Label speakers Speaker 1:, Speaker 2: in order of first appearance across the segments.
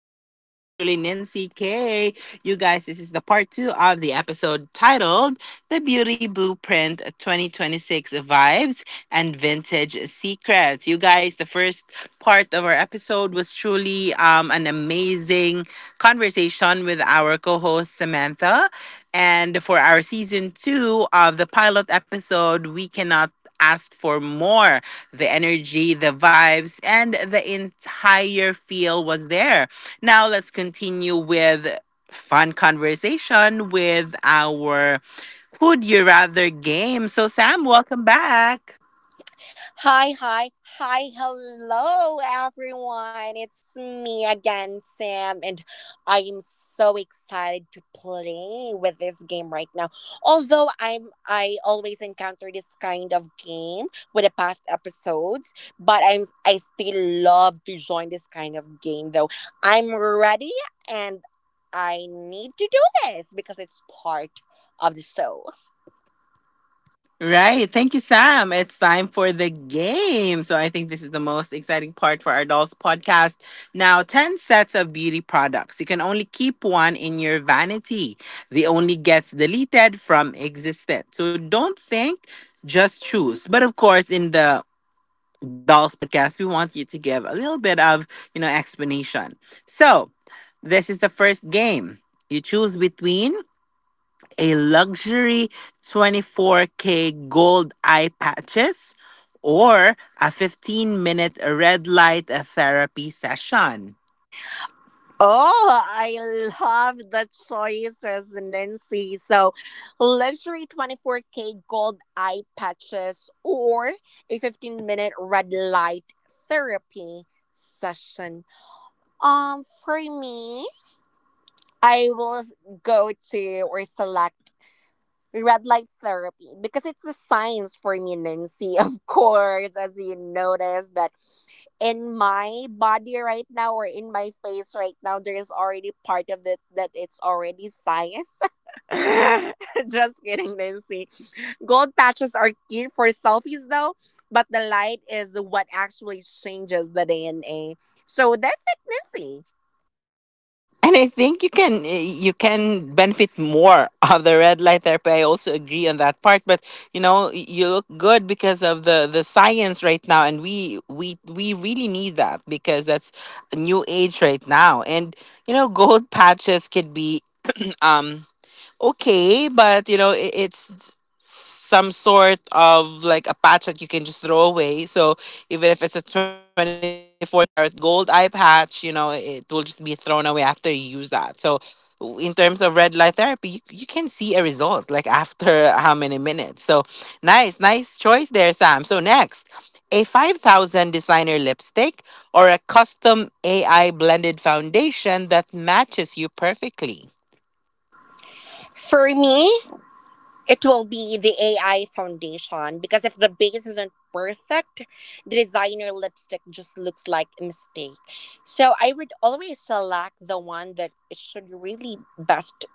Speaker 1: with yours truly, Nancy K. You guys, this is the part two of the episode titled The Beauty Blueprint 2026 Vibes and Vintage Secrets. You guys, the first part of our episode was truly an amazing conversation with our co host, Samantha. And for our season two of the pilot episode, we cannot ask for more the energy, the vibes, and the entire feel was there. Now let's continue with fun conversation with our Would You Rather game. So, Sam, welcome back.
Speaker 2: Hi, hi, Hello, everyone. It's me again, Sam, and I am so excited to play with this game right now. Although I always encounter this kind of game with the past episodes, but I still love to join this kind of game. Though I'm ready, and I need to do this because it's part of the show.
Speaker 1: Right. Thank you, Sam. It's time for the game. So I think this is the most exciting part for our dolls podcast. Now, 10 sets of beauty products. You can only keep one in your vanity. The only gets deleted from existence. So don't think, just choose. But of course, in the dolls podcast, we want you to give a little bit of, explanation. So this is the first game. You choose between a luxury 24K gold eye patches, or a 15-minute red light therapy session.
Speaker 2: Oh, I love the choices, Nancy. So, luxury 24K gold eye patches or a 15-minute red light therapy session. For me, I will go to or select red light therapy because it's a science for me, Nancy. Of course, as you notice that in my body right now or in my face right now, there is already part of it that it's already science. Just kidding, Nancy. Gold patches are cute for selfies though, but the light is what actually changes the DNA. So that's it, Nancy.
Speaker 1: And I think you can you can benefit more of the red light therapy. I also agree on that part, but you know you look good because of the science right now, and we really need that because that's a new age right now. And you know gold patches could be um. okay, but you know, it's some sort of like a patch that you can just throw away. So even if it's a 24K carat gold eye patch, you know, it will just be thrown away after you use that. So in terms of red light therapy, you can see a result like after how many minutes. So nice, nice choice there, Sam. So next, a 5,000 designer lipstick or a custom AI blended foundation that matches you perfectly.
Speaker 2: For me, it will be the AI foundation because if the base isn't perfect, the designer lipstick just looks like a mistake. So I would always select the one that it should really best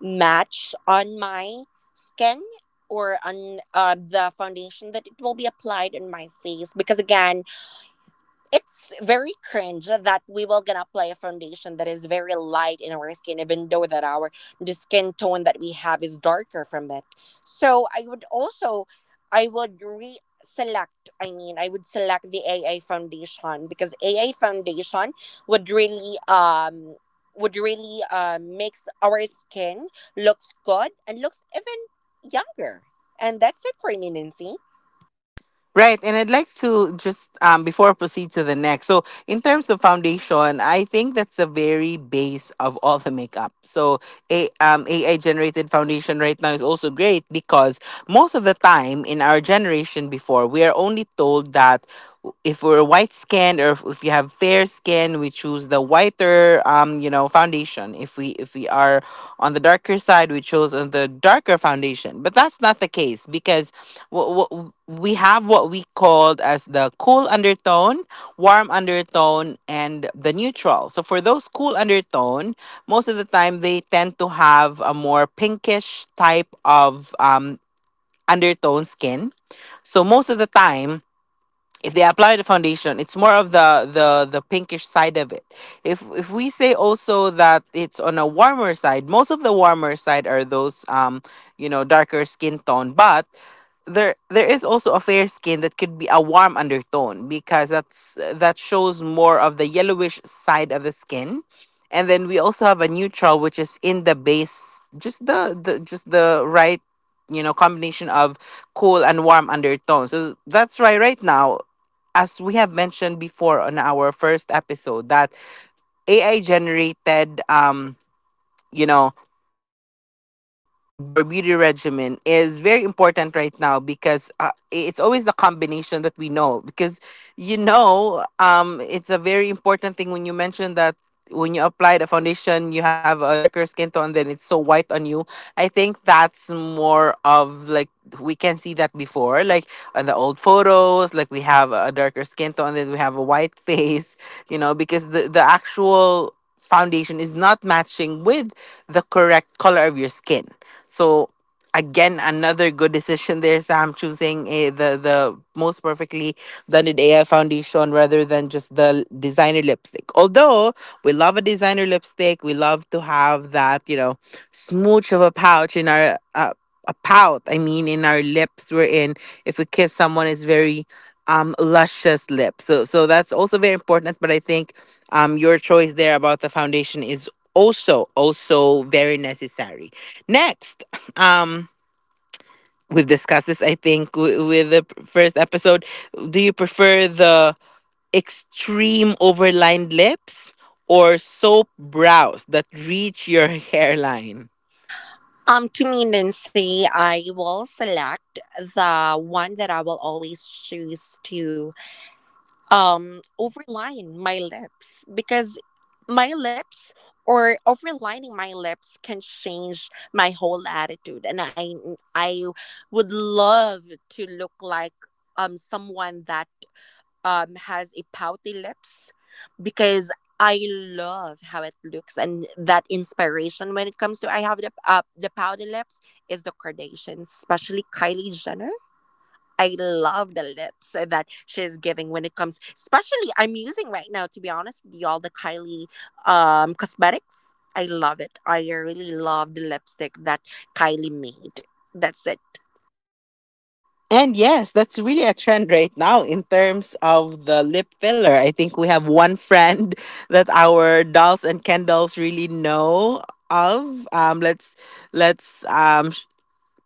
Speaker 2: match on my skin or on the foundation that it will be applied on my face, because again it's very cringe that we will gonna apply a foundation that is very light in our skin even though that our the skin tone that we have is darker from it. So I would also, I would re-select I mean I would select the AA foundation, because AA foundation would really, would really makes our skin looks good and looks even younger. And that's it for me, Nancy.
Speaker 1: Right, and I'd like to just before I proceed to the next. So, in terms of foundation, I think that's the very base of all the makeup. So, a AI generated foundation right now is also great because most of the time in our generation before, we are only told that if we're white skinned or if you have fair skin, we choose the whiter you know foundation. If we are on the darker side, we chose on the darker foundation. But that's not the case because we have what we called as the cool undertone, warm undertone, and the neutral. So for those cool undertone, most of the time they tend to have a more pinkish type of undertone skin. So most of the time, if they apply the foundation it's more of the pinkish side of it. If we say also that it's on a warmer side, most of the warmer side are those you know darker skin tone. But there is also a fair skin that could be a warm undertone because that's that shows more of the yellowish side of the skin. And then we also have a neutral which is in the base just the just the right you know combination of cool and warm undertone. So that's why right now, as we have mentioned before on our first episode, that AI generated you know beauty products or beauty regimen is very important right now because it's always the combination that we know because you know it's a very important thing when you mentioned that when you apply the foundation you have a darker skin tone then it's so white on you. I think that's more of like we can see that before, like on the old photos, like we have a darker skin tone then we have a white face, you know, because the actual foundation is not matching with the correct color of your skin. So again, another good decision there, Sam, choosing the most perfectly blended AI foundation rather than just the designer lipstick. Although we love a designer lipstick. We love to have that, you know, smooch of a pouch in our a pout. I mean, in our lips. We're in. If we kiss someone, it's very luscious lips. So that's also very important. But I think your choice there about the foundation is also very necessary. Next, um. we've discussed this, I think, with the first episode. Do you prefer the extreme overlined lips, or soap brows that reach your hairline?
Speaker 2: To me, Nancy, I will select the one that I will always choose to overline my lips, because my lips or overlining my lips can change my whole attitude, and I would love to look like someone that has a pouty lips, because I love how it looks. And that inspiration when it comes to I have the pouty lips is the Kardashians, especially Kylie Jenner. I love the lips that she's giving when it comes, especially I'm using right now to be honest with you all the Kylie cosmetics. I love it. I really love the lipstick that Kylie made. That's it.
Speaker 1: And yes, that's really a trend right now in terms of the lip filler. I think we have one friend that our dolls and Kendalls really know of. Let's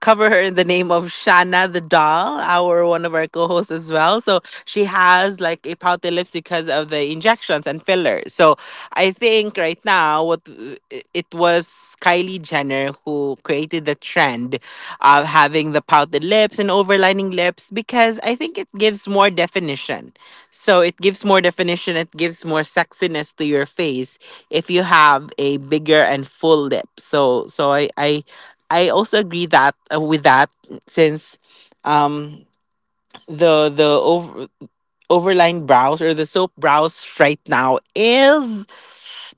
Speaker 1: cover her in the name of Shana the doll, our one of our co-hosts as well. So she has like a pouty lips because of the injections and fillers. So I think right now what it was Kylie Jenner who created the trend of having the pouted lips and overlining lips because I think it gives more definition. So it gives more definition, it gives more sexiness to your face if you have a bigger and full lip. So I also agree that with that since um the overline brows or the soap brows right now is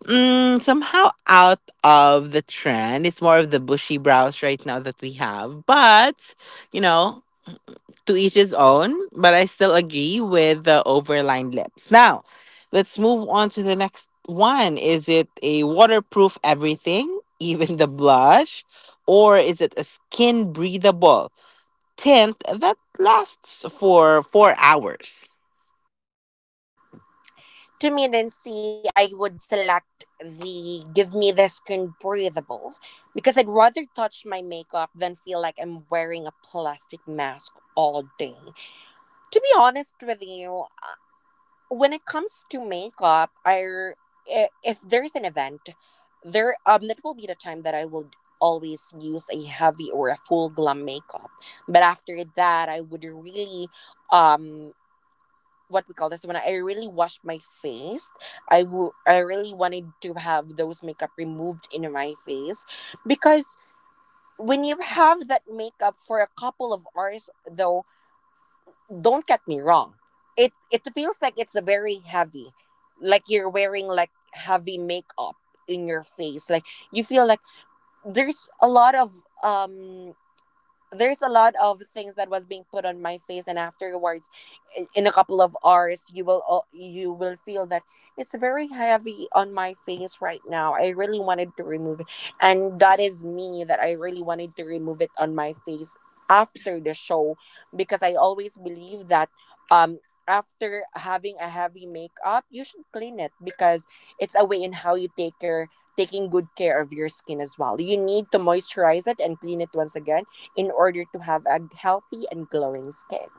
Speaker 1: somehow out of the trend. It's more of the bushy brows right now that we have, but you know, to each his own, but I still agree with the overlined lips. Now, let's move on to the next one. Is it a waterproof everything, even the blush, or is it a skin breathable tint that lasts for 4 hours?
Speaker 2: Intermittency, I would select the give me the skin breathable, because I'd rather touch my makeup than feel like I'm wearing a plastic mask all day. To be honest with you, when it comes to makeup, if there's an event, there that will be the time that I will always use a heavy or a full glam makeup. But after that, I would really, um what we call this, when I really washed my face. I really wanted to have those makeup removed in my face, because when you have that makeup for a couple of hours though, don't get me wrong. It feels like it's very heavy. Like you're wearing like heavy makeup in your face. Like you feel like there's a lot of, um there's a lot of things that was being put on my face. And afterwards, in a couple of hours, you will feel that it's very heavy on my face right now. I really wanted to remove it. And that is me, that I really wanted to remove it on my face after the show, because I always believe that, um after having a heavy makeup, you should clean it, because it's a way in how you take your, taking good care of your skin as well. You need to moisturize it and clean it once again in order to have a healthy and glowing skin.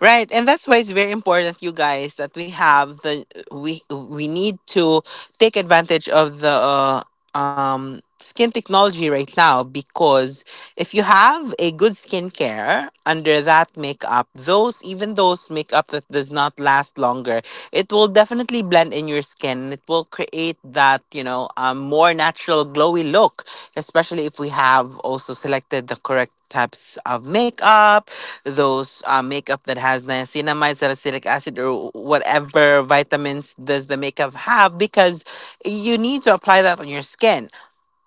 Speaker 1: Right, and that's why it's very important, you guys, that we have the we need to take advantage of the skin technology right now because if you have a good skincare under that makeup, those even those makeup that does not last longer, it will definitely blend in your skin. It will create that you know more natural glowy look, especially if we have also selected the correct types of makeup, those makeup that has niacinamide, salicylic acid, or whatever vitamins does the makeup have because you need to apply that on your skin.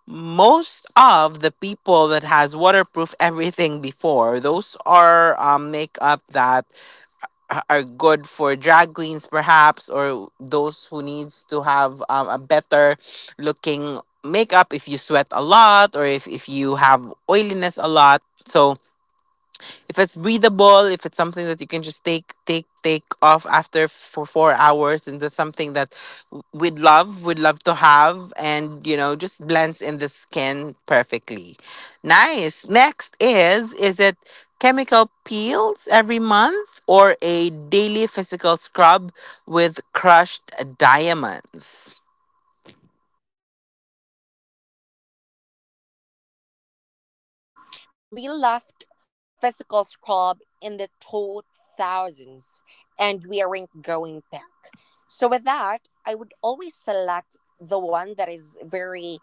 Speaker 1: Most of the people that has waterproof everything before, those are makeup that are good for drag queens perhaps or those who needs to have a better looking makeup if you sweat a lot or if you have oiliness a lot. So if it's breathable, if it's something that you can just take off after for 4 hours, and that's something that we'd love to have and you know just blends in the skin perfectly. Nice. Next is it chemical peels every month or a daily physical scrub with crushed diamonds?
Speaker 2: I will select chemical peels because we left physical scrub in the 2000s and we aren't going back. So, with that, I would always select the one that is very,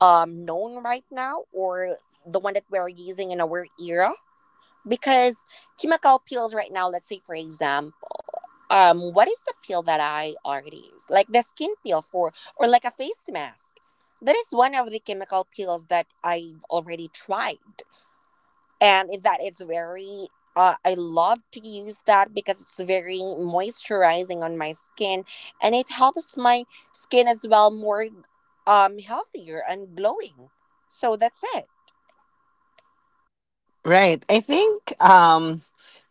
Speaker 2: known right now, or the one that we're using in our era, because chemical peels right now, let's say for exam, what is the peel that I already use, like the skin peel for, or like a face mask, that is one of the chemical peels that I've already tried. And in that, it's very, I love to use that because it's very moisturizing on my skin, and it helps my skin as well more, healthier and glowing. So that's it.
Speaker 1: Right. I think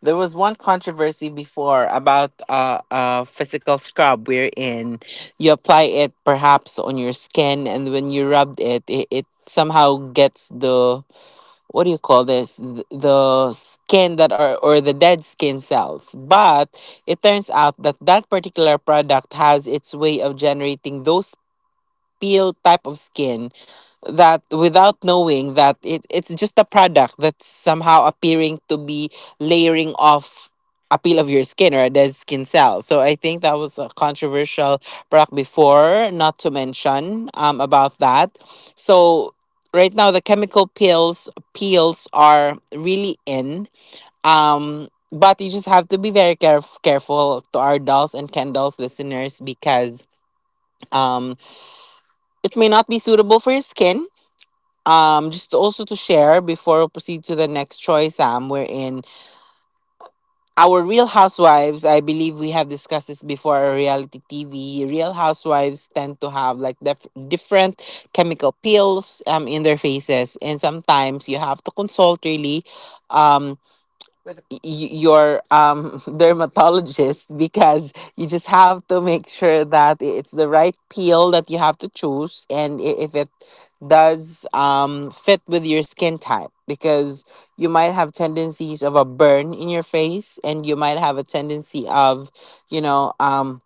Speaker 1: there was one controversy before about a physical scrub wherein you apply it perhaps on your skin and when you rubbed it, it somehow gets the what do you call this. Th- the skin that are or the dead skin cells, but it turns out that that particular product has its way of generating those peel type of skin, that without knowing that it's just a product that's somehow appearing to be layering off a peel of your skin or a dead skin cell. So I think that was a controversial product before, not to mention about that. So right now the chemical peels peels are really in. But you just have to be very careful to our dolls and candles listeners because um it may not be suitable for your skin. Just also to share before we proceed to the next choice, Sam, we're in our Real Housewives. I believe we have discussed this before our reality TV. Real Housewives tend to have like different chemical peels in their faces, and sometimes you have to consult really um with your dermatologist because you just have to make sure that it's the right peel that you have to choose and if it does fit with your skin type because you might have tendencies of a burn in your face and you might have a tendency of you know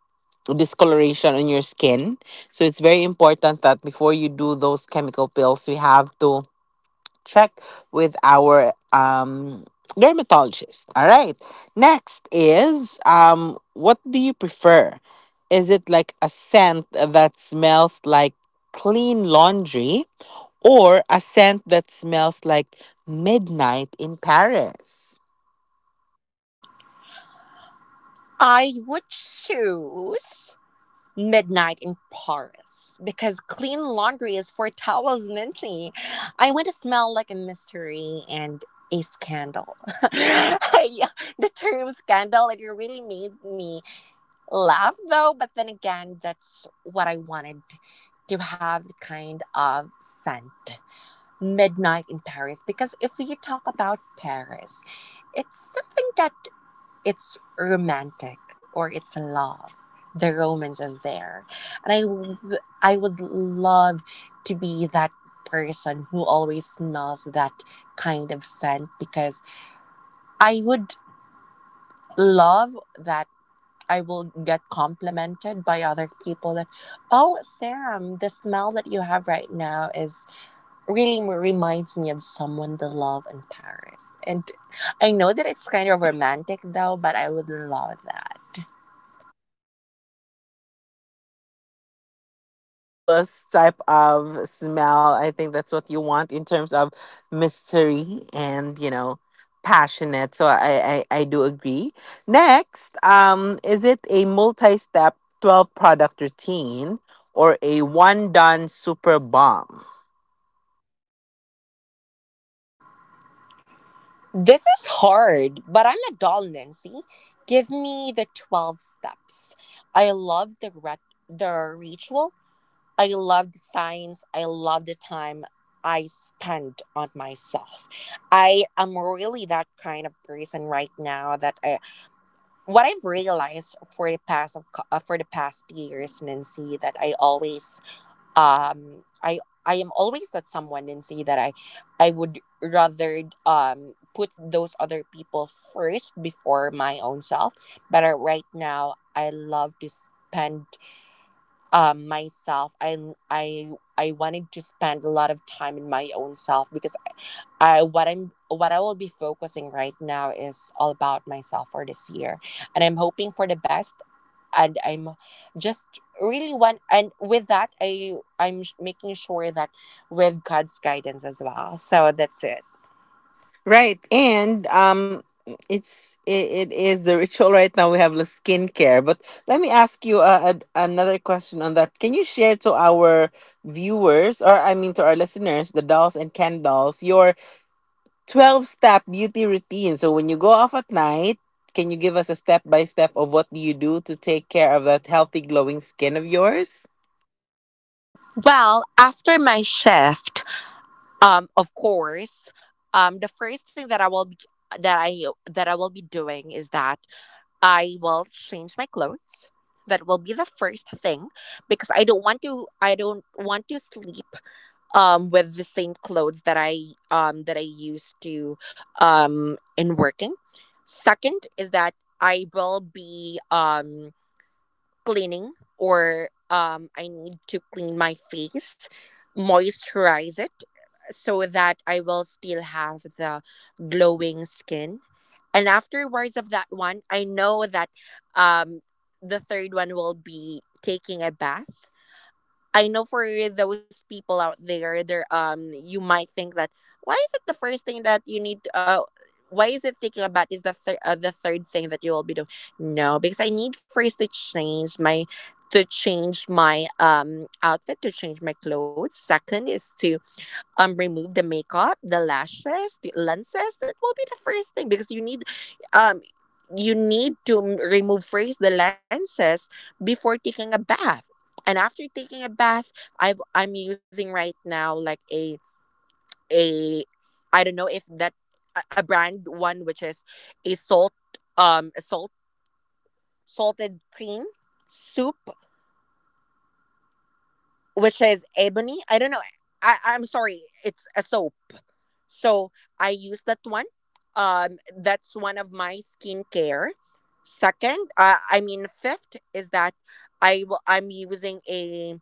Speaker 1: discoloration on your skin. So it's very important that before you do those chemical pills we have to check with our dermatologist. All right. Next is what do you prefer? Is it like a scent that smells like clean laundry or a scent that smells like midnight in Paris?
Speaker 2: I would choose midnight in Paris because clean laundry is for towels, Nancy. I want to smell like a mystery and a scandal. Yeah, the term scandal, it really made me laugh though, but then again, that's what I wanted, to have the kind of scent. Midnight in Paris, because if you talk about Paris, it's something that, it's romantic, or it's love. The romance is there. And I would love to be that person who always smells that kind of scent, because I would love that I will get complimented by other people that, oh, Sam, the smell that you have right now is really, reminds me of someone, the love in Paris. And I know that it's kind of romantic though, but I would love that.
Speaker 1: Right. And like a scandalous type of smell. I think that's what you want in terms of mystery and, you know, passionate. So I do agree. Next, is it a multi-step 12 product routine or a one done super bomb?
Speaker 2: This is hard, but I'm a doll, Nancy. Give me the 12 steps. I love the the ritual. I love the signs. I love the time I spend on myself. I am really that kind of person right now that I, what I've realized for the past of, for the past years, Nancy, that I always, um i I am always that someone and say that I would rather put those other people first before my own self. But right now I love to spend myself. I i i wanted to spend a lot of time in my own self, because I, what I'm, what I will be focusing right now is all about myself for this year, and I'm hoping for the best. And I'm just really one, and with that, making sure that with God's guidance as well. So that's it.
Speaker 1: Right, and it is the ritual right now. We have the skincare, but let me ask you another question on that. Can you share to our viewers, or I mean to our listeners, the dolls and candles, your 12 step beauty routine? So when you go off at night, can you give us a step by step of what do you do to take care of that healthy glowing skin of yours?
Speaker 2: Well, after my shift, of course, the first thing that I will be that I that I will be doing is that I will change my clothes. That will be the first thing, because I don't want to, I don't want to sleep with the same clothes that I, that I used to in working. Second is that I will be cleaning, or I need to clean my face, moisturize it, so that I will still have the glowing skin. And afterwards of that one, I know that, um the third one will be taking a bath. I know for those people out there, there, you might think that, why is it the first thing that you need? To, why is it thinking about is the third, the third thing that you will be doing? No, because I need first to change my, outfit, to change my clothes. Second is to remove the makeup, the lashes, the lenses. That will be the first thing, because you need, um you need to remove first the lenses before taking a bath. And after taking a bath, I'm using right now like a, a I don't know if that, a brand one, which is a salt, um a salt salted cream soup, which is ebony. I don't know. I'm sorry. It's a soap. So I use that one. That's one of my skincare. Second, I mean fifth, is that I'm using a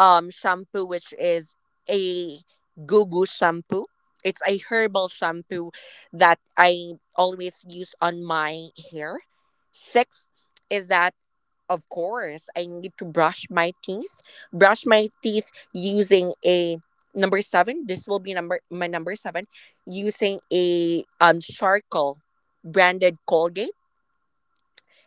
Speaker 2: shampoo, which is a Gugu shampoo. It's a herbal shampoo that I always use on my hair. Sixth is that, of course, I need to brush my teeth. Brush my teeth using a number seven. This will be number seven, using a charcoal branded Colgate.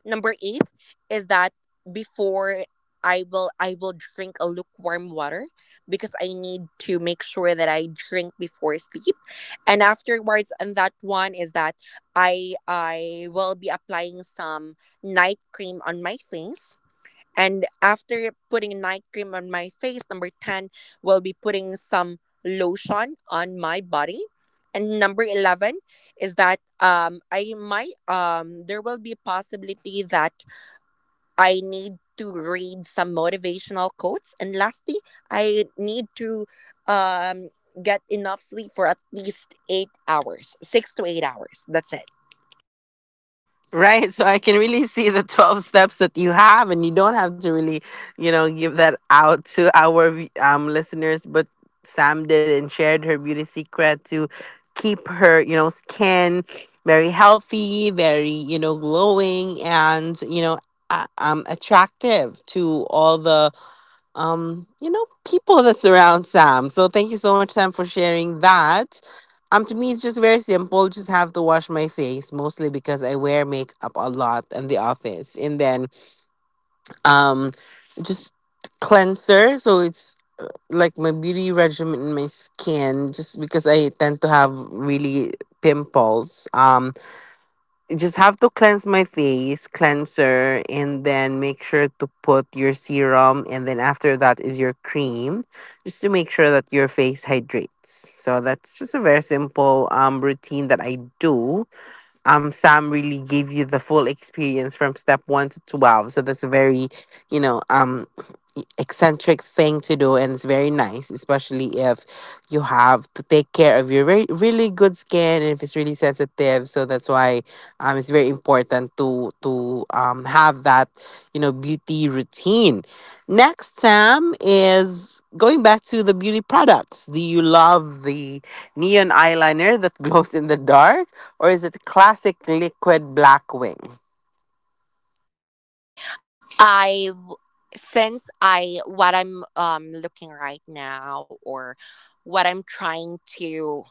Speaker 2: Number eight is that before, I will drink a lukewarm water, because I need to make sure that I drink before sleep. And afterwards, and that one is that I will be applying some night cream on my face. And after putting night cream on my face, number 10 will be putting some lotion on my body. And number 11 is that, I might, there will be a possibility that I need to read some motivational quotes. And lastly, I need to um get enough sleep for at least 8 hours, 6 to 8 hours. That's it.
Speaker 1: Right. So I can really see the 12 steps that you have, and you don't have to really, you know, give that out to our listeners. But Sam did and shared her beauty secret to keep her, you know, skin very healthy, very, you know, glowing and, you know, attractive to all the you know, people that surround Sam. So thank you so much, Sam, for sharing that. To me, it's just very simple. Just have to wash my face, mostly because I wear makeup a lot in the office, and then um, just cleanser. So it's like my beauty regimen in my skin, just because I tend to have really pimples. Just have to cleanse my face, cleanser, and then make sure to put your serum, and then after that is your cream, just to make sure that your face hydrates. So that's just a very simple routine that I do. Sam really gave you the full experience from step 1 to 12, so that's a very, you know, eccentric thing to do, and it's very nice, especially if you have to take care of your very really good skin, and if it's really sensitive. So that's why it's very important to have that, you know, beauty routine. Next, Sam is going back to the beauty products. Do you love the neon eyeliner that glows in the dark, or is it classic liquid black wing?
Speaker 2: I w- since I, what I'm, looking right now, or what I'm trying to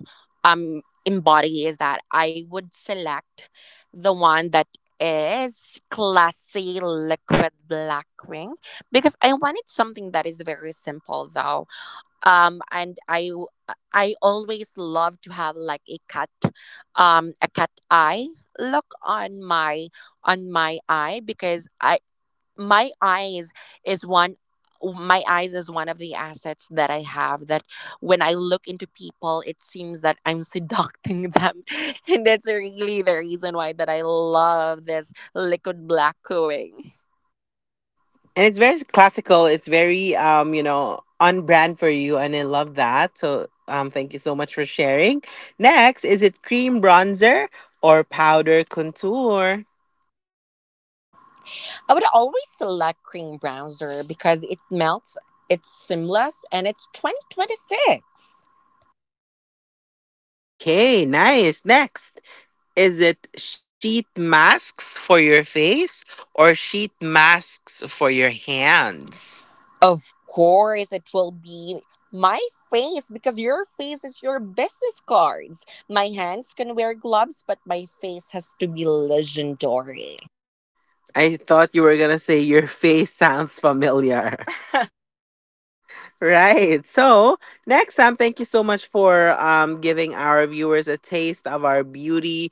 Speaker 2: embody is that I would select the one that is classy liquid black wing, because I wanted something that is very simple though. Um and I w- I always love to have like a cut eye look on my eye because I my eyes is one my eyes is one of the assets that I have that when I look into people it seems that I'm seducting them and that's really the reason why that I love this liquid black cooling.
Speaker 1: And it's very classical. It's very, you know, on brand for you, and I love that. So thank you so much for sharing. Next, is it cream bronzer or powder contour?
Speaker 2: I would always select cream bronzer because it melts, it's seamless, and it's 2026.
Speaker 1: Okay, nice. Next, is it sheet masks for your face or sheet masks for your hands?
Speaker 2: Of course, it will be my face because your face is your business cards. My hands can wear gloves, but my face has to be legendary.
Speaker 1: I thought you were gonna say your face sounds familiar. Right. So next time, thank you so much for giving our viewers a taste of our beauty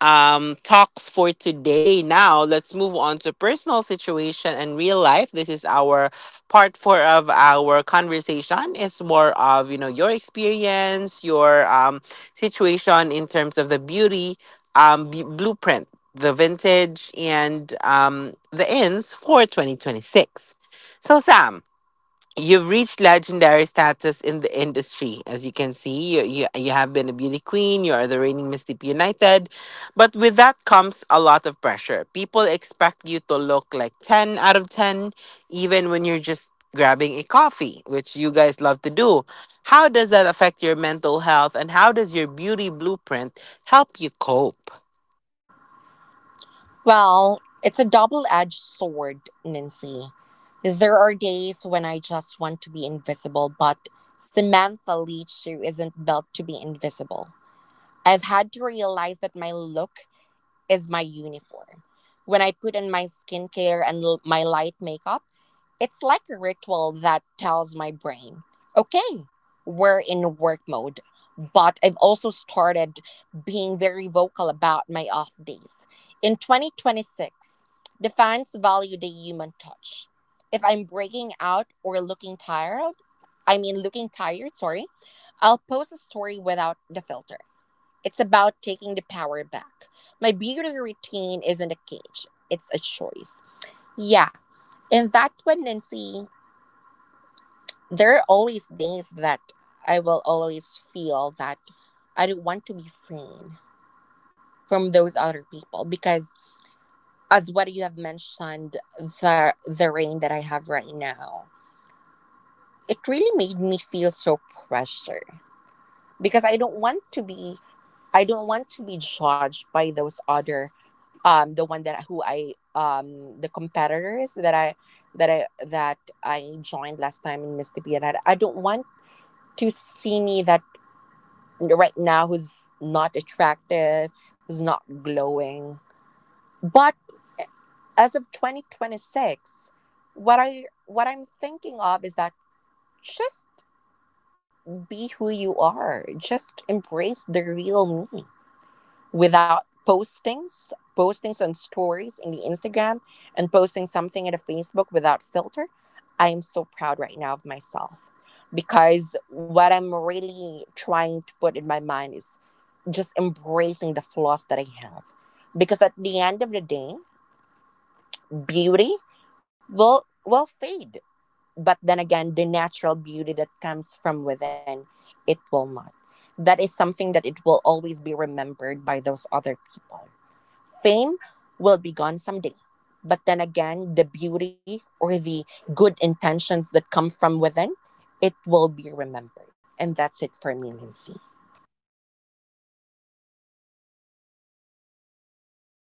Speaker 1: talks for today. Now, let's move on to personal situation and real life. This is our part four of our conversation. It's more of, you know, your experience, your situation in terms of the beauty blueprint, the vintage, and the ends for 2026. So, Sam, you've reached legendary status in the industry. As you can see, you have been a beauty queen, you are the reigning Miss Deep United. But with that comes a lot of pressure. People expect you to look like 10 out of 10, even when you're just grabbing a coffee, which you guys love to do. How does that affect your mental health, and how does your beauty blueprint help you cope?
Speaker 2: Well, it's a double edged sword, Nancy. There are days when I just want to be invisible, but Samantha Leach Shoe isn't built to be invisible. I've had to realize that my look is my uniform. When I put on my skincare and my light makeup, it's like a ritual that tells my brain, okay, we're in work mode. But I've also started being very vocal about my off days. In 2026, the fans value the human touch. If I'm breaking out or looking tired, I mean, looking tired, sorry, I'll post a story without the filter. It's about taking the power back. My beauty routine isn't a cage, it's a choice. Yeah, and that one, Nancy, there are always days that I will always feel that I don't want to be seen from those other people because, as what you have mentioned, the rain that I have right now, it really made me feel so pressure because I don't want to be. I don't want to be judged by those other the one that who I the competitors that that I that I joined last time in Miss T P, and I don't want to see me that right now who's not attractive, who's not glowing. But as of 2026, what I'm thinking of is that just be who you are. Just embrace the real me, without postings, posting some stories in the Instagram and posting something in the Facebook without filter. I am so proud right now of myself because what I'm really trying to put in my mind is just embracing the flaws that I have. Because at the end of the day, beauty will fade. But then again, the natural beauty that comes from within, it will not. That is something that it will always be remembered by those other people. Fame will be gone someday. But then again, the beauty or the good intentions that come from within, it will be remembered. And that's it for me, Lindsay.
Speaker 1: Nice. And right now, we are going to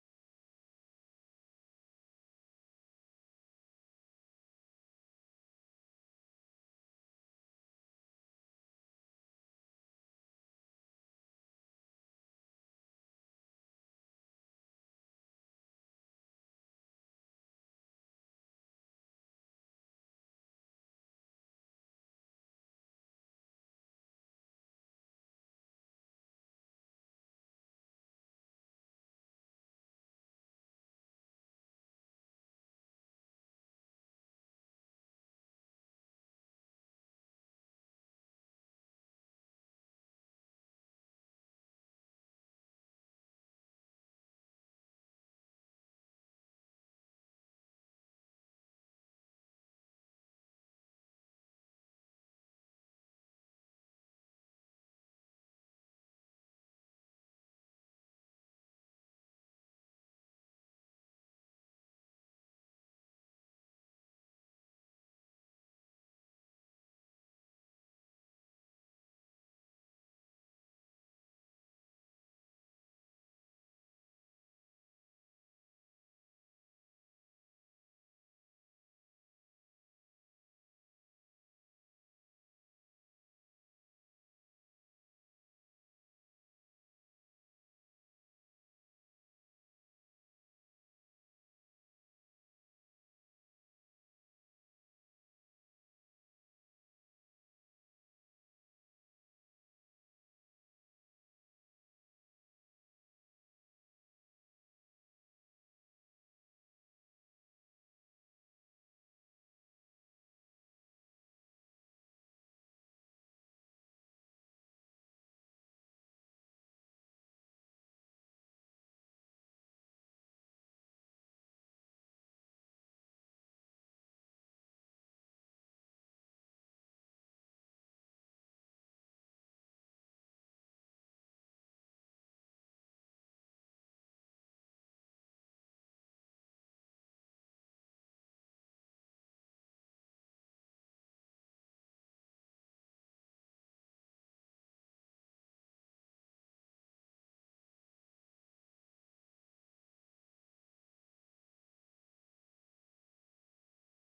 Speaker 1: a deep conversation mode, because you know sometimes if there is an expectation of you to always look good in the industry, that comes with a responsibility wherein you have to look great, 10 out of 10. um Sometimes that's a very hard thing to keep up with, especially in the industry nowadays and a fast paced and evolving world. But that's very easy to achieve, because the foundation of your beauty is your good skin. I think that's really important. Even if you have bad days, even if you don't have makeup or whatnot, if you just look take care of your good skin, and you know, eat healthy, do the beauty regimen every day, if you just, you know, try to work out and stuff like that, you know, there will be no problem of you looking good all the time. Because even if you don't wear expensive clothes, even if you don't wear, you know, expensive things on your face or expensive makeup, you will look 10 out of 10 all the time if you have a healthy body, a perfect mindset, and you know, always glowing. Think positive and just don't, you know, just don't feed into negativity. And that would definitely allow you to be more of a person of perfection. Like, it gives you that outstanding aura. It gives you, even if you don't wear any expensive things, it uh, allows you to create a more vibrant look. It allows you to be more, perfect, even if you know nobody's perfect. But it's always the aura, it's always your mindset, and always, always a healthy body, healthy mind, and healthy skin. So if you just take care of that, then that would definitely, you know, attract positivity, and it would um glow out as you wanted and aspired to be. Now, next question, Sam. So, in terms of life story as well, so you know, it could be related to our beauty changes in terms of how you project yourself right now depending on your profession. So you've moved through some major life changes recently. We've seen you go from the high glam girl into a more strategic professional.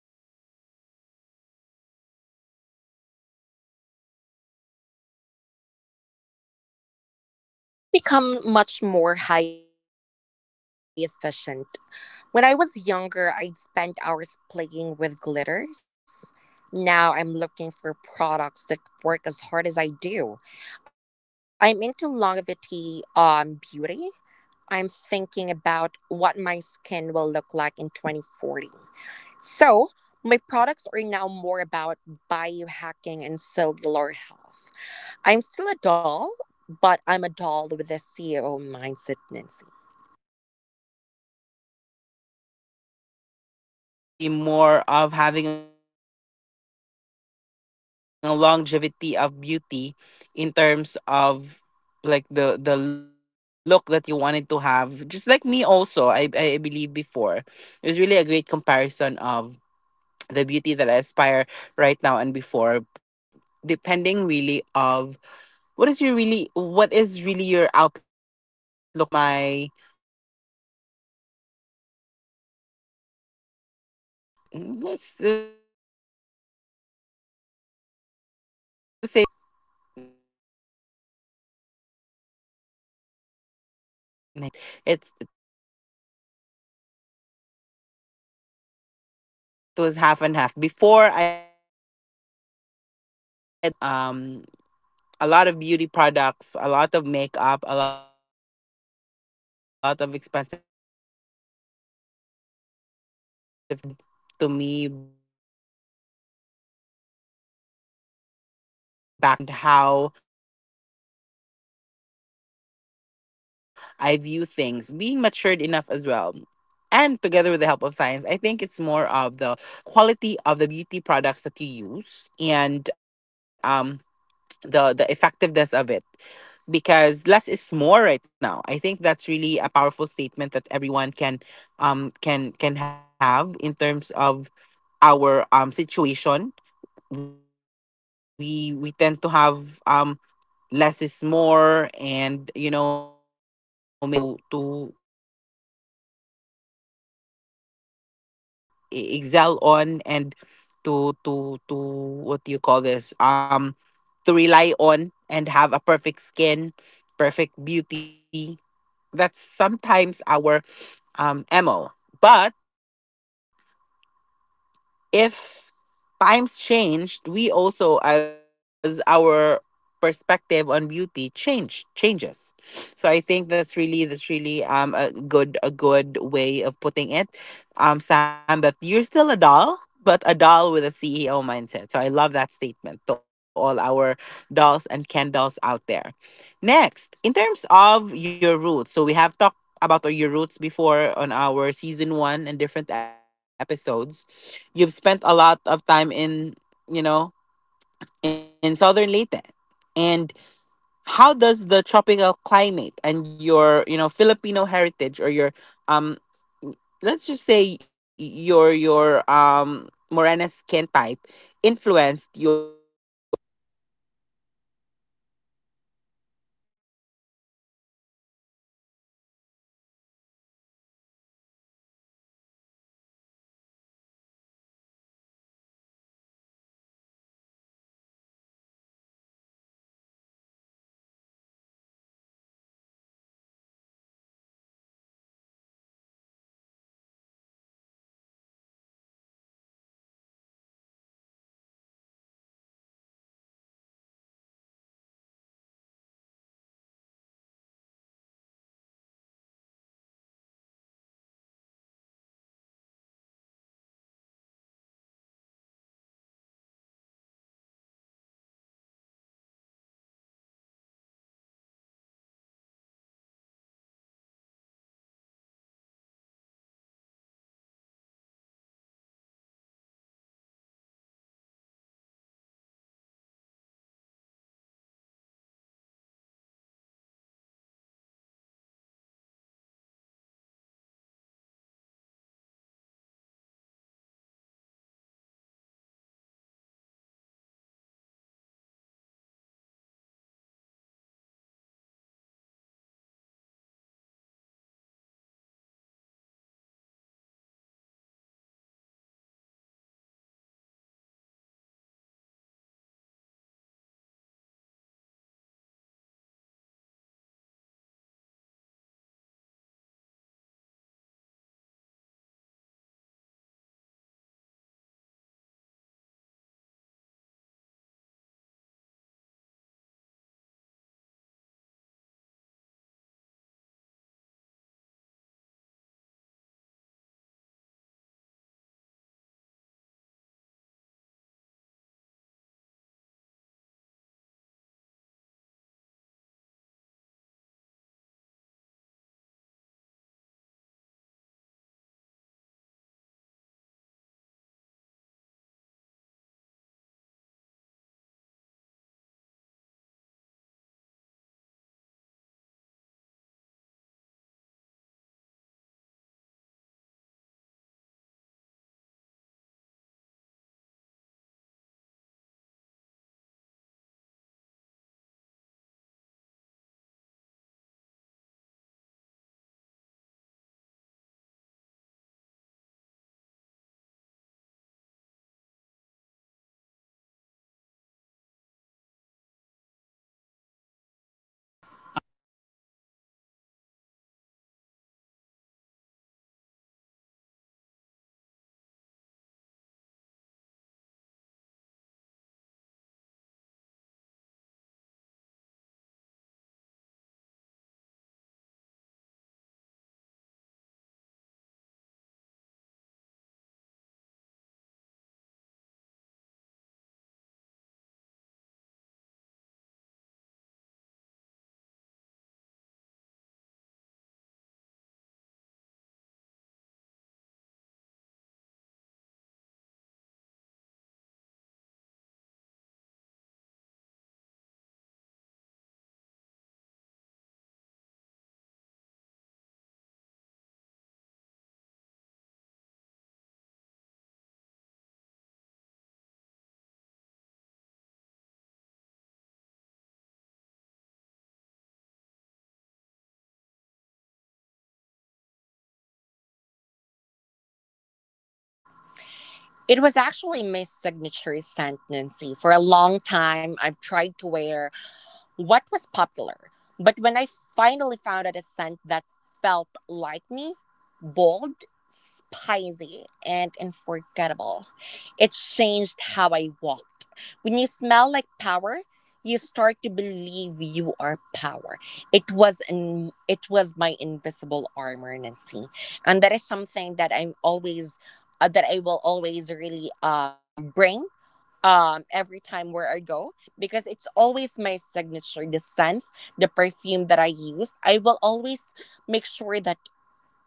Speaker 1: How has your personal evolution reflected in the products you choose now?
Speaker 2: I've become much more high efficient. When I was younger, I'd spend hours playing with glitters. Now I'm looking for products that work as hard as I do. I'm into longevity, beauty, I'm thinking about what my skin will look like in 2040. So, my products are now more about biohacking and cellular health. I'm still a doll, but I'm a doll with a CEO mindset, Nancy.
Speaker 1: So something, some something like you wanted to be more of having a longevity of beauty in terms of like the look that you wanted to have. Just like me also, I believe before. It was really a great comparison of the beauty that I aspire right now and before, depending really of what is really your outlook now in life. Maybe I can compare my beauty style or beauty regimen in 2020, mm, let's say 2010 to 2019. I'm not sure because it did change. Like, it was half and half before. I'd love to wear high fashion clothing, a lot of beauty products, a lot of makeup, a lot of expensive things to be worn, and you know, more, more and more is fashion for me and beauty perfection to me back then. But right now, when my outlook changed and how I view things, being matured enough as well. And together with the help of science, I think it's more of the quality of the beauty products that you use and the effectiveness of it, because less is more right now. I think that's really a powerful statement that everyone can can have in terms of our situation. We tend to have, less is more, and you know, make sure we have our beauty products to excel on, and to what do you call this, to rely on, and have a perfect skin, perfect beauty. That's sometimes our, MO. But if times changed, we also as our perspective on beauty changes. So I think that's really, a good, way of putting it. Sam, that you're still a doll, but a doll with a CEO mindset. So I love that statement to all our dolls and Ken dolls out there. Next, in terms of your roots, so we have talked about your roots before on our season one and different episodes. You've spent a lot of time in, you know, in southern Leyte. And how does the tropical climate and your, you know, Filipino heritage, or your, um let's just say your Morena skin type influenced your legendary status as of today.
Speaker 2: It's everything, Lindsay. Growing up in the Philippines, you'll learn that glass skin is a survival tactic because of the humidity. But more than that, there's a warmth and Filipino beauty. It's about the glow from within, the kindness, the maganda spirit. I bring that into every room I enter. I use high tech serums, but I believe in the power of a simple coconut based oil and stay hydrated. It keeps me grounded, Nancy. And with that, I always look back on the culture or the tradition that I what I use and what my mother passed it on to me, especially when it comes to using natural oil, which is a coconut based oil for the hair. That is a very
Speaker 1: Now
Speaker 2: a
Speaker 1: and or
Speaker 2: traditional and or a original um original thing that what usually Filipino does, especially when it comes to carrying the hair. Coconut oil is very organic, and it's something that it
Speaker 1: it.
Speaker 2: really it it is a good organic thing that it will it keeps our hair more um glowing n- but not o- more glowing and more um like eye deceiving like that because it is a shine. It will gonna make our hair healthy and more shiny.
Speaker 1: Right. So it's
Speaker 2: Right.
Speaker 1: more
Speaker 2: So
Speaker 1: of
Speaker 2: it's
Speaker 1: like
Speaker 2: more
Speaker 1: how
Speaker 2: of like
Speaker 1: you
Speaker 2: how you
Speaker 1: um
Speaker 2: um
Speaker 1: embrace the culture.
Speaker 2: embrace the
Speaker 1: And I think
Speaker 2: culture, and
Speaker 1: that,
Speaker 2: I
Speaker 1: you
Speaker 2: think
Speaker 1: know,
Speaker 2: that
Speaker 1: growing up in a tropical country, it is. I also am, am from the Philippines, you know, to our dolls and candles. So growing up in a tropical country, it really depends on your skin type as to how much more products or how much more skincare that you'd have to apply in your skin, just to protect your skin, not really to be darker, but you know, skin cancer is, is very dangerous, as it's a rare type of cancer. So the the uv the uv sun sun r- sorry sun, the UV sun ray that may affect your skin, and could be dangerous in terms of your um health. So that is why it's very important right now that. We have to make sure that we take care of our skin, and not just for the beauty but for more of the importance of being you know staying healthy and staying what do you call this staying confident with the skin that you are born with. So thank you, Sam, for sharing that. Now, you've had moments when you felt like an outsider in the industry. You know, we talked about this, like the standards of beauty in the in the Philippines, wherein you wanted to be more of this white skin type, you are in the standard of beauty. And even if we are typically a brown skinned folks in the Philippines, we tend to have that mindset. Now, what was the one product or routine that, you know, gave you the confidence to say, that I belonged here?
Speaker 3: It was actually my signature scent, Nancy. For a long time, I've tried to wear what was popular. But when I finally found out a scent that felt like me, bold, spicy, and unforgettable, it changed how I walked. When you smell like power, you start to believe you are power. It was my invisible armor, Nancy, and that is something that I'm always that I will always really bring every time where I go, because it's always my signature, the scent, the perfume that I used. I will always make sure that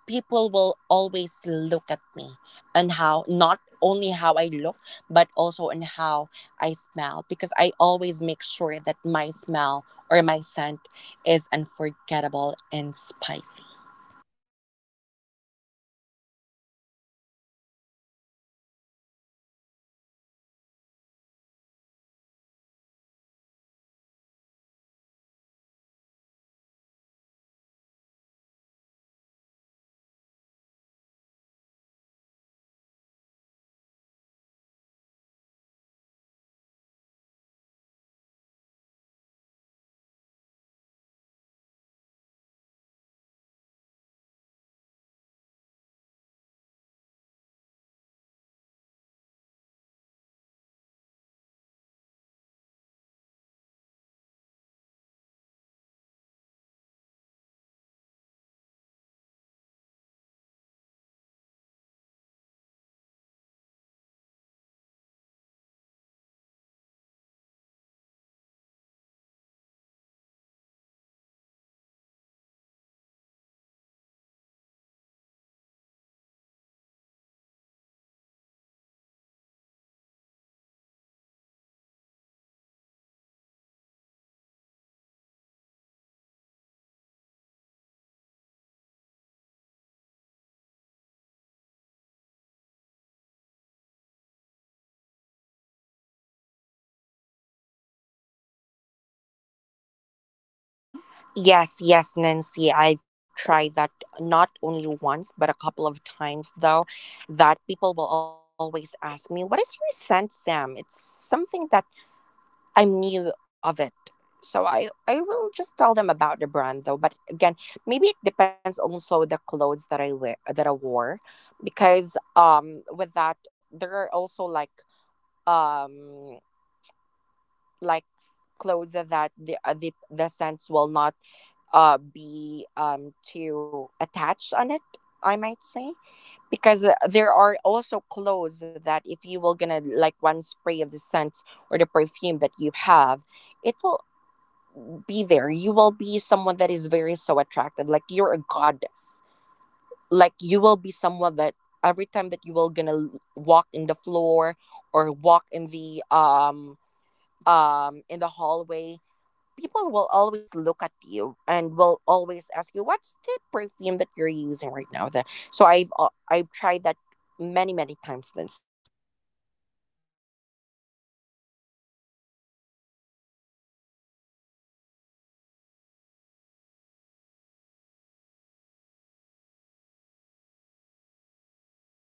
Speaker 3: people will always look at me and how, not only how I look, but also on how I smell, because I always make sure that my smell or my scent is unforgettable and spicy.
Speaker 1: Right, and right now it is very trendy that um, people do choose perfumes that best describes themselves, and you know how you present yourself is part of your scent. There was one book or study that I actually have read about, people do fall in love with the scent of the natural scent of the people that they are attracted to. So one part of beauty industry is, you know, choosing your scent and perfumes. So basically, being in the beauty industry, you have to have signature fragrances. You know, there are a lot of fragrances that we loved before. We have Armani, we have Dior, Victoria's Secret. I think Victoria's Secret is really a feminine type of perfume for everyone, for all the ladies. So that's one. That's one thing. And when you have that signature scent, it really creates an attraction to the people. Have you tried that before? Like, you have been complimented many times because of your signature scent, Sam?
Speaker 3: Yes, yes, Nancy. I've tried that not only once, but a couple of times, though, that people will always ask me, what is your scent, Sam? It's something that I'm new of it. So I will just tell them about the brand though. But again, maybe it depends also the clothes that I wear that I wore. Because with that, there are also um like clothes that the the scents will not be too attached on it, I might say. Because there are also clothes that if you will gonna like one spray of the scent or the perfume that you have, it will be there. You will be someone that is very so attractive, like you're a goddess, like you will be someone that every time that you will walk in the floor or walk in the hallway, people will always look at you and will always ask you, what's the perfume that you're using right now, the, so I've tried that many, many times, Lindsay.
Speaker 1: Right, and when you say with a clothes that it does not stick a lot, that also happens to skin, because I agree that sometimes if you wear like a jacket or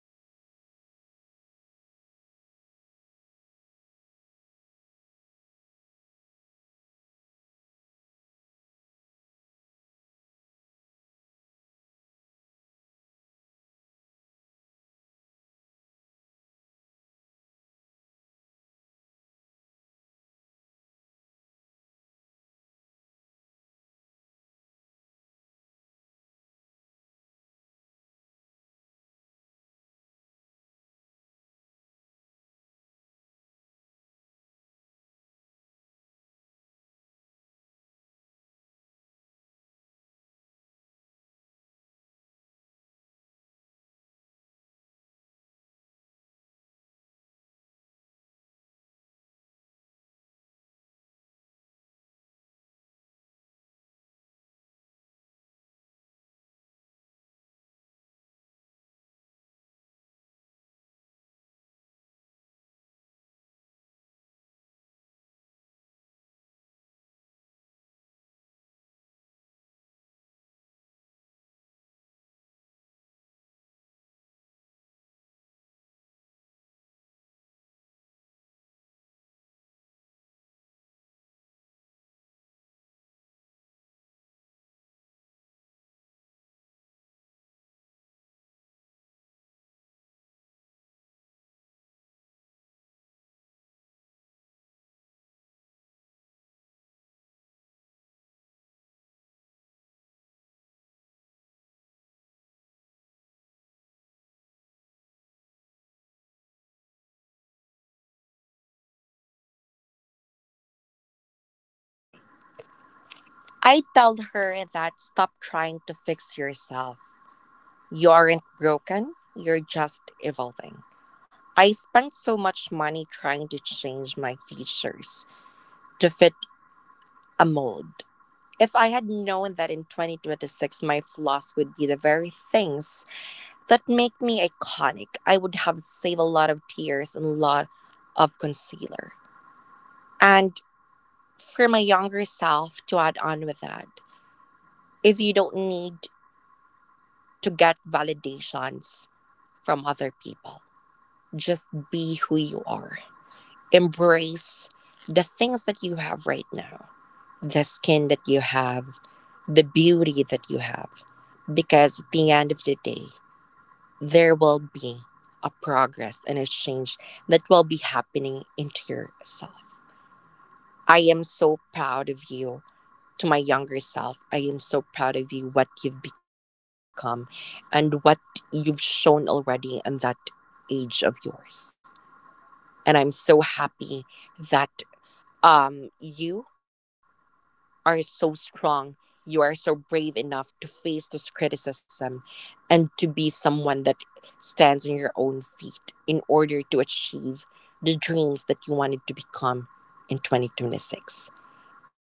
Speaker 1: different types of fabric, like polyester, dry fit, or cotton. Sometimes there are perfumes that doesn't really stick on those types of clothes. I mean fabrics. That's why it wears off. And sometimes it's your skin type as well, because basically the fragrances like not really stick but is more long lasting if you spread it into focal points of your body, like the wrist, you know, heart area or your chest area, and then on the back of your ears, wherein the veins are more um what do you call this the skin has, you know, more exposure to the veins. That's why, you know, it tends to to be absorbed by your veins, and then it creates that scent or smell to the people that are, you know, smelling you. So sometimes that also helps, and that also affects the actual scent of it all. So that's nice. Thank you, thank you so much, Sam, for creating that particular you know, signature advice. Now, on our declaration later on, we'll have it more longer declaration. We'll have more of an iconic declaration later on. But I think you I think you are already aware of it. So, last question before we'll have to our iconic declaration. I think I can also share something about this one on my younger self. So, if you could tell the younger Sam one thing about beauty, or like a beauty tip that she didn't know yet, what would it be and why?
Speaker 3: And why? I tell her that, stop trying to fix yourself. You aren't broken, you're just evolving. I spent so much money trying to change my features to fit a mold. If I had known that in 2026 my flaws would be the very things that make me iconic, I would have saved a lot of tears and a lot of concealer. And for my younger self, to add on with that, is you don't need to get validations from other people. Just be who you are. Embrace the things that you have right now. The skin that you have, the beauty that you have, because at the end of the day, there will be a progress and a change that will be happening into yourself. I am so proud of you. To my younger self, I am so proud of you, what you've become and what you've shown already in that age of yours. And I'm so happy that you are so strong. You are so brave enough to face this criticism and to be someone that stands on your own feet in order to achieve the dreams that you wanted to become in 2026,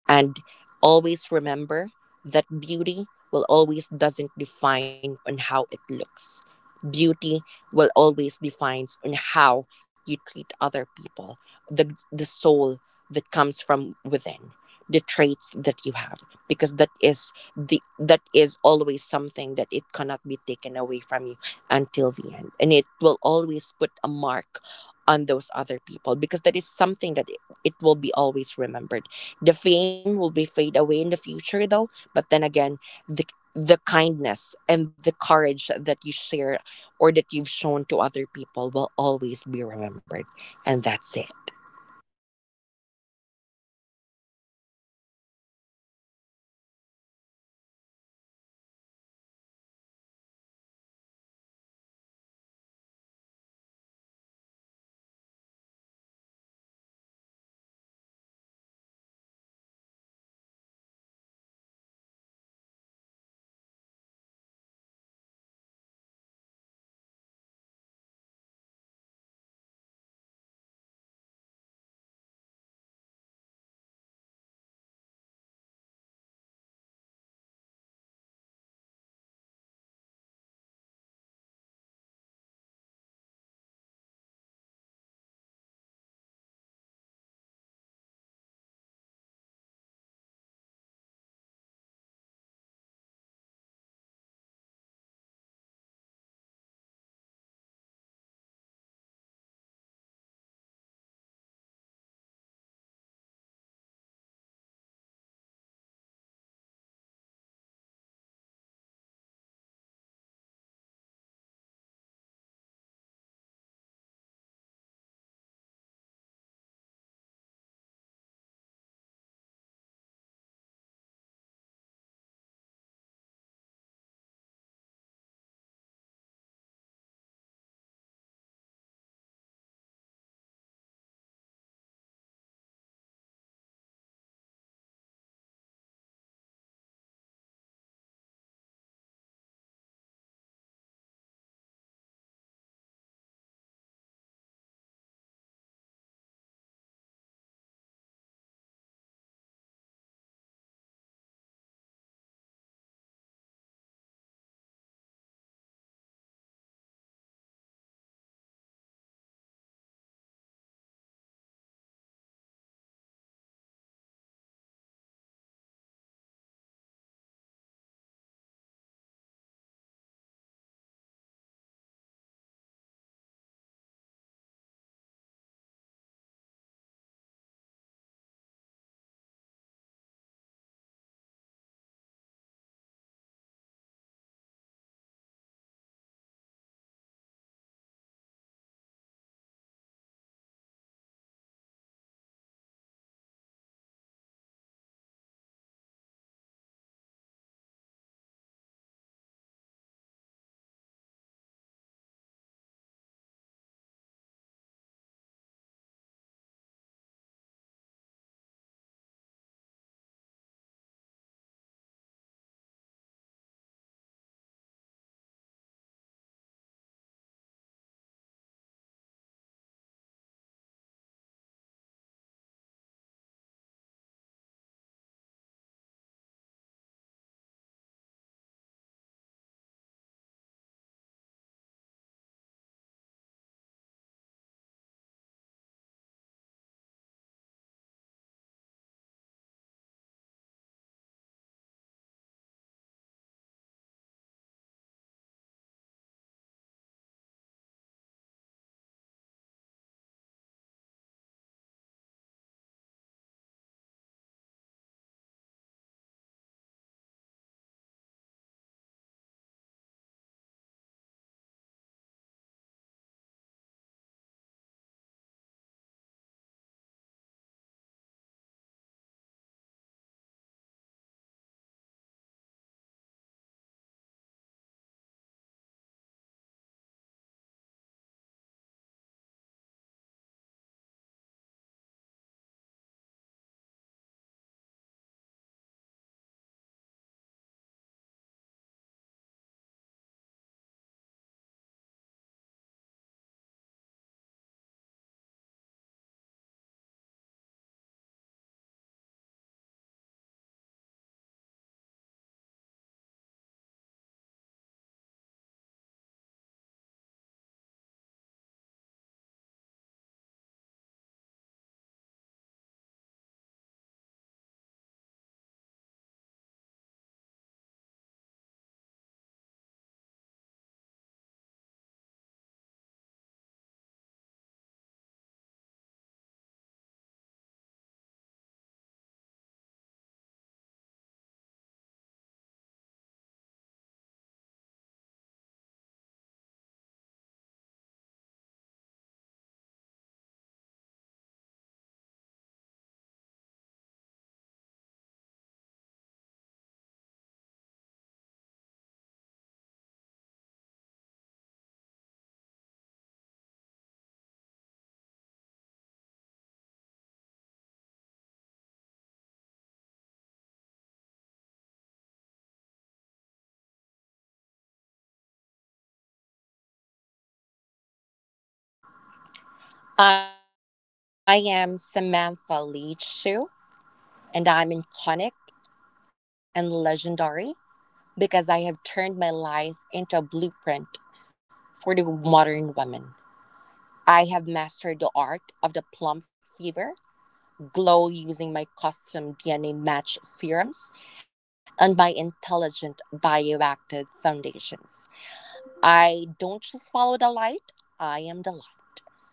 Speaker 3: and always remember that beauty will always doesn't define on how it looks. Beauty will always defines on how you treat other people, the soul that comes from within, the traits that you have, because that is the, that is always something that it cannot be taken away from you until the end, and it will always put a mark on those other people, because that is something that it will be always remembered. The fame will be fade away in the future though, but then again, the the kindness and the courage that you share or that you've shown to other people will always be remembered. And that's it.
Speaker 1: Right. Thank you so much, Sam. That is a very powerful message when you say about stop trying to fix yourself. You could have shed tears and concealer, and whatever is your imperfection can be the strongest suit that makes you iconic today, is really a powerful message, especially to our young listeners. Because again, guys, we are talking about the beauty blueprint. We are talking about, what is the standard of beauty? What are the trends that allows you to have that specific beauty and to be more relevant in terms of beautification, in terms of looking good for the viewing public? But what we wanted to really convey into the message and to the discussion today is, times have changed. There are different types of way to be beautiful this 2026 and this current day of age. That doesn't really have to change who you are. Sorry. We have discussed the ins and the outs of beauty trends. We have discussed the inclusivity of beauty for men or for female and male. And we have discussed that beauty in today's age is fast evolving, especially with the current use of AI generation, with the current use of the technology, in short. And that's very important to know right now, that these are just phases of the evolution of beauty. Because at the end of the day, let's face the fact that we admire beauty when we first see it, but it's how we keep ourselves intact despite of the beauty changes that we are experiencing right now. Because, you guys, at the end of the day, Sam also mentioned this, that your soul is beautiful. You just have to showcase who you are, embrace your imperfections. um yes, we agree that sometimes we have, you know, beauty regimen, 12 steps of beauty that even Sam shared to us. That's the reality focus of it. But that would be nothing if we don't have a positive outlook in life, a fresh perspective, a good soul. And that makes a total beauty for everyone, or for all our listeners, to our dolls and candles. So before we proceed to the declaration, I think my message to my younger self is just continue what you're doing right now. I don't know. I think that I have done, I don't, in short, I don't regret all the things that I have done during my childhood years. Maybe what I could do better is um, n- make use of the science technology and adapt to the changes, because that would allow you to have a better view of your skin type, of your you know, your problem, which is your keloids. It could have been prevented. So I think that's just my advice to my younger self, like to be more accepting of the technology right now and the science that AI has to provide. So I think that's it. Sam, again, this has been a, such a journey. But you know, before we go, it's definitely time for our tradition. So I know you know this, the dolls. Let's all stand up. So if you are in the comfort of your rooms right now, let's stand up, go to the mirror, and it's time for our declaration. So Sam, I'll go first, and I think you already know this, so you will follow next. To our dolls listeners, I'm Nancy Kay, and I am iconic and legendary because I am the architect of my own image. I don't wait for permission to shine. I use my holographic chromatic liners to see the future, and my 24-hour ironclad setting spray to make sure my impact never fades. I am a masterpiece in progress, a fusion of high fashion soul and high tech skin. I am the standard, the moment, and the movement. And for that, that makes me iconic and legendary. Now, Sam, it's your time.
Speaker 3: I am Samantha Lee Chu, and I'm iconic and legendary because I have turned my life into a blueprint for the modern woman. I have mastered the art of the plum fever, glow using my custom DNA match serums, and my intelligent bioactive foundations. I don't just follow the light, I am the light.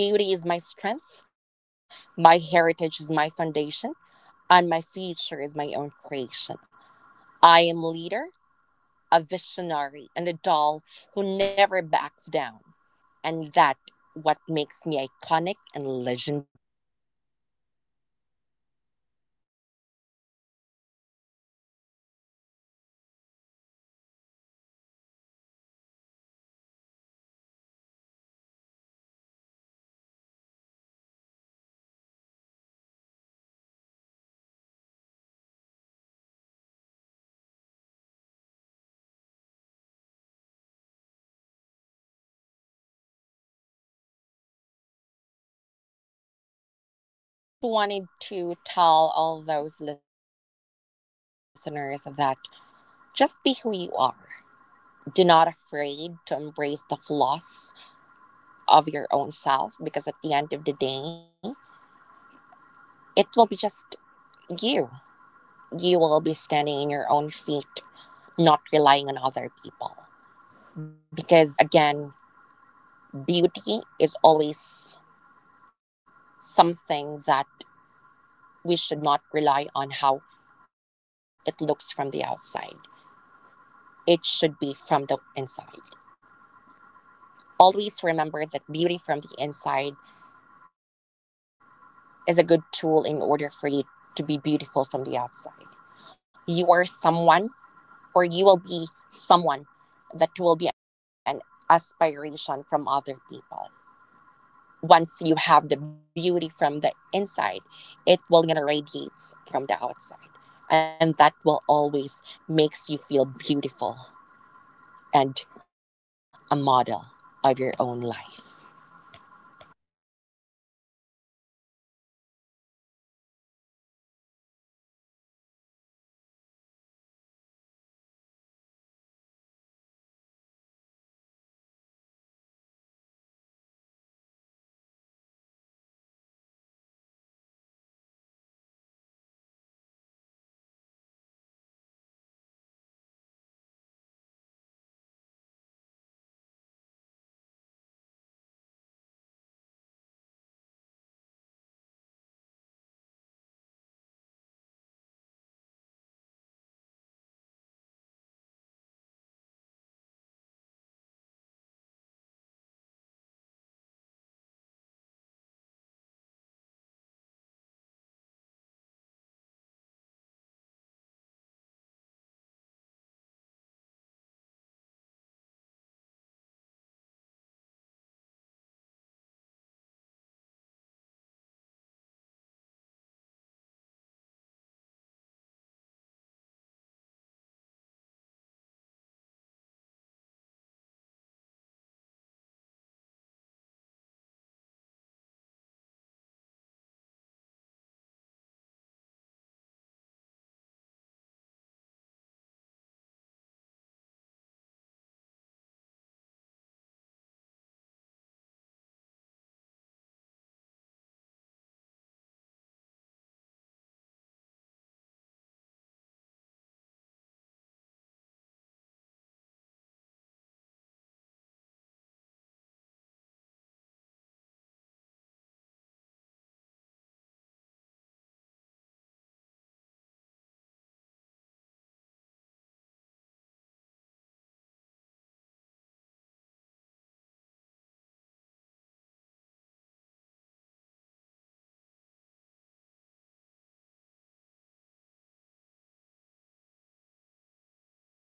Speaker 3: My beauty is my strength, my heritage is my foundation, and my future is my own creation. I am leader, a visionary, and a doll who never backs down. And that what makes me iconic and
Speaker 1: Thank you
Speaker 3: legendary.
Speaker 1: so much, Sam. That's a very well said thing. But before we let you go, any like final message, like um, to our listeners out there, like definition of beauty. We have discussed a lot from what I've mentioned already. So it's your time also to, you know, give like a little message to all our can our dolls and Ken dolls, like as a takeaway for this conversation today.
Speaker 3: I just wanted to tell all those listeners that, just be who you are. Do not afraid to embrace the flaws of your own self, because at the end of the day, it will be just you. You will be standing in your own feet, not relying on other people. Because again, beauty is always something that we should not rely on how it looks from the outside. It should be from the inside. Always remember that beauty from the inside is a good tool in order for you to be beautiful from the outside. You are someone, or you will be someone that will be an aspiration from other people. Once you have the beauty from the inside, it will gonna radiate from the outside. And that will always makes you feel beautiful and a model of your own life.
Speaker 1: Nice. Thank you so much, Sam. Again, thank you so much, Dolls, for an amazing, you know, episode. I think for this season, we will uncover lots of, you know, fun topics. Of course, we wanted to incorporate the modest lessons of life, but we always wanted to have deeper conversations, make our Dolls and Candles listeners, you know, not second guess what they know already, but to just ponder on, if these are the things that I'm doing right now, what are the things that I can do more in the future to better myself? What are the things that I can contribute to the society for a better, world that we can have? Like right now there's chaos out there and you know the beauty the beauty industry is very open right now, and it's very at times judgmental, but what we have to do and what we have to just remember is that at the end of the day there are different eras of beauty, and there are different eras of the beauty regimen that we are accustomed to. So we just have to respect all the those standards. We just have to respect and accept the things that are used as a tool nowadays that were not available before. So I think that's just the message for today. I think that we just have to respect and value what we have learned and what we are about to learn in the near future. So, dolls, thank you so much. That's it for this week. Dolls, go out there and be the blueprint of your own. And that is a wrap on this week's masterclass, dolls. If you take anything away from this hour, let it be this: your face is your fortune, your vibe is your currency,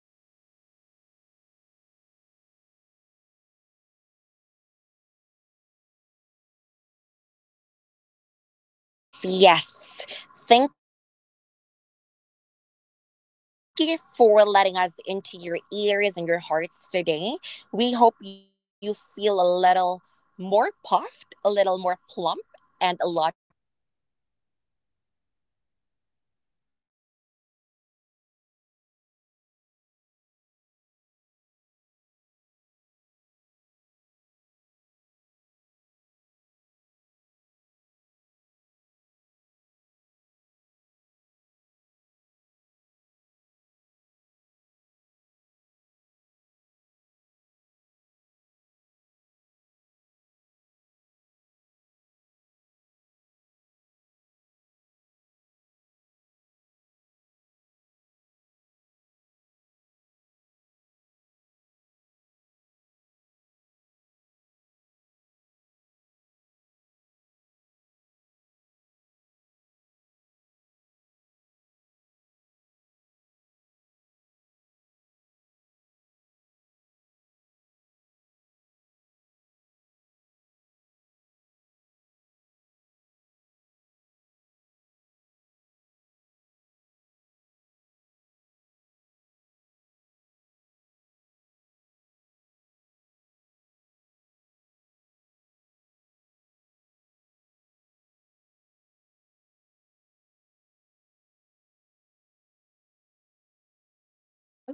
Speaker 1: and your energy is the only thing that doesn't need a filter. Right, Sam?
Speaker 3: Facts, yes. Thank you for letting us into your ears and your hearts today. We hope you feel a little more puffed, a little more plump, and a lot more powerful.
Speaker 1: And we'd like to thank our, listeners for today's episode. We'd also like to thank our sponsors in the near future. Hopefully, there are a lot of sponsors who will sponsor our the Dolls podcast, and, you know, make it a more vibrant conversation. Hoping in this season two, we are going to tackle more fun and entertaining topics. We are looking forward to expand the horizons of our podcast, which is more on the games as well, more on the fun games that we have, and then trying to explore. Maybe we can have our, listeners interact with us. Hopefully, you can send us emails, you can send us letters, and what are the topics that you'd like to discuss on the next episode. So, we'll have, I think, 15 to 20 episodes more on this season of the Dolls podcast. And we are very excited to be with you guys, to be with your presence, right, Sam? Do you have like
Speaker 3: Thing
Speaker 1: anything
Speaker 3: that
Speaker 1: that
Speaker 3: you
Speaker 1: you
Speaker 3: can
Speaker 1: can
Speaker 3: think
Speaker 1: think of any episodes that we can discuss maybe in the future?
Speaker 3: as of right now, I don't have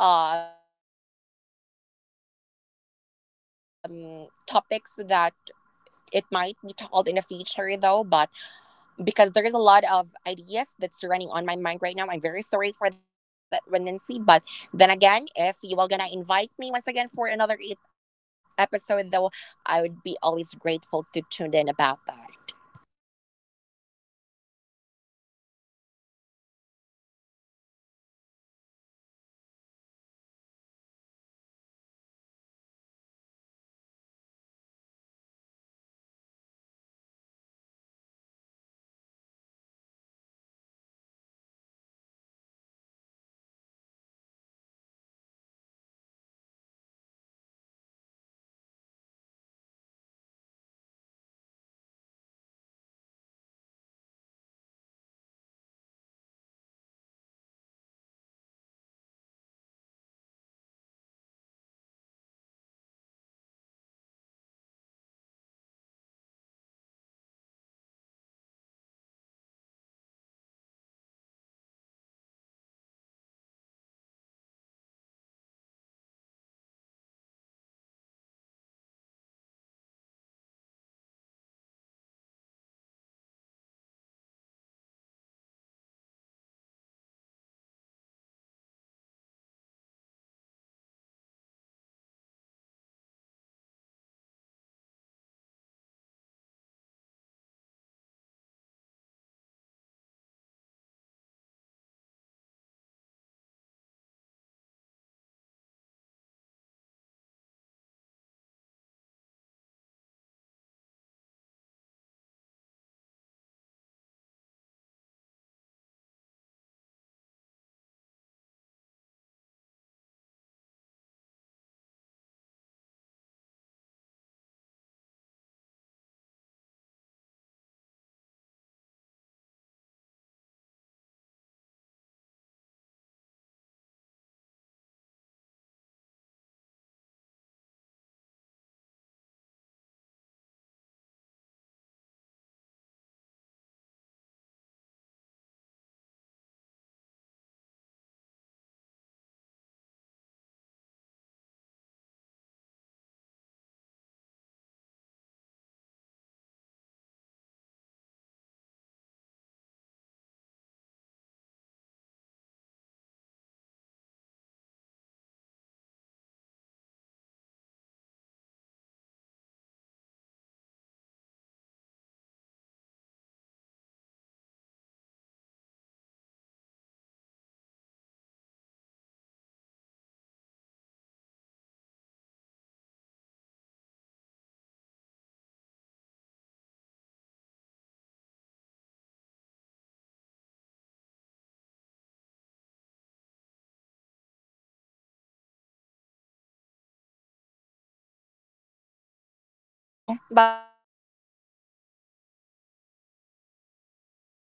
Speaker 3: topics that it might be told in the future though, but because there is a lot of ideas that's running on my mind right now. I'm very sorry for that redundancy, but then again, if you are gonna invite me once again for another episode though, I would be always grateful to tune in about that.
Speaker 1: Right, and during our episodes, we have a lot of, you know, good conversation from season one, and I think most of the topics right there are to, like how you have been evolving as, you know, as a beauty queen that you are right now, and, you know, the struggles that you had experienced before. We have that in our listeners, and that's really accustomed to a great conversation, always ending with a positive note with you. So thank you so much, thank you so much for being here with me. And tune in to our next episode, guys. We'll have Shana back again, and hopefully we can have Heiko and Ryan to be on the episode and we can discuss further um you know topics, and would like, would love to dig deep on politics maybe next time. But again, just a reminder that on the Dolls podcast, we just want to relay the truth and have a better perspective and positive outcome of the conversation. So those are just the topics that we have. And thank you so much for being with me, Sam, for the pilot episode. It was a two-part conversation, and our dolls and candles are really excited for the things to come this 2026. You guys, it is the year of the horse. And basically it's the year of, you know, fast paced energy, pushing through limits, and um good vibes. Maybe we can discuss. I'm thinking some of like New Year's resolution. Maybe we can discuss that, the new year, new me. Is that really happening? The exercise industry, you know, the fitness. Why is it always accustomed to New Year? Why do we have to work out during New Year only? So those are the topics that I have in mind, and hopefully we can discuss that on the future episode. So, dolls, I think that's it. Don't forget to tag us in your metabolic glam selfies. We want to see those 2026 faces with full glam, whether it could be, a doll look or a no makeup look. That depends on you. But, you know, everything is accepted in the Dolls podcast. So thank you. Thank you so much. We can't thank you enough. Until next time, we just have to remember that you have to keep the standard high as your high heels. And of course, the confidence. The confidence should be soaring higher than expected. Once again, you guys, this is the doll Nancy K. You have to listen to this one more time. Stay iconic and stay legendary till the next episode. Thank
Speaker 3: So
Speaker 1: you.
Speaker 3: bye bye.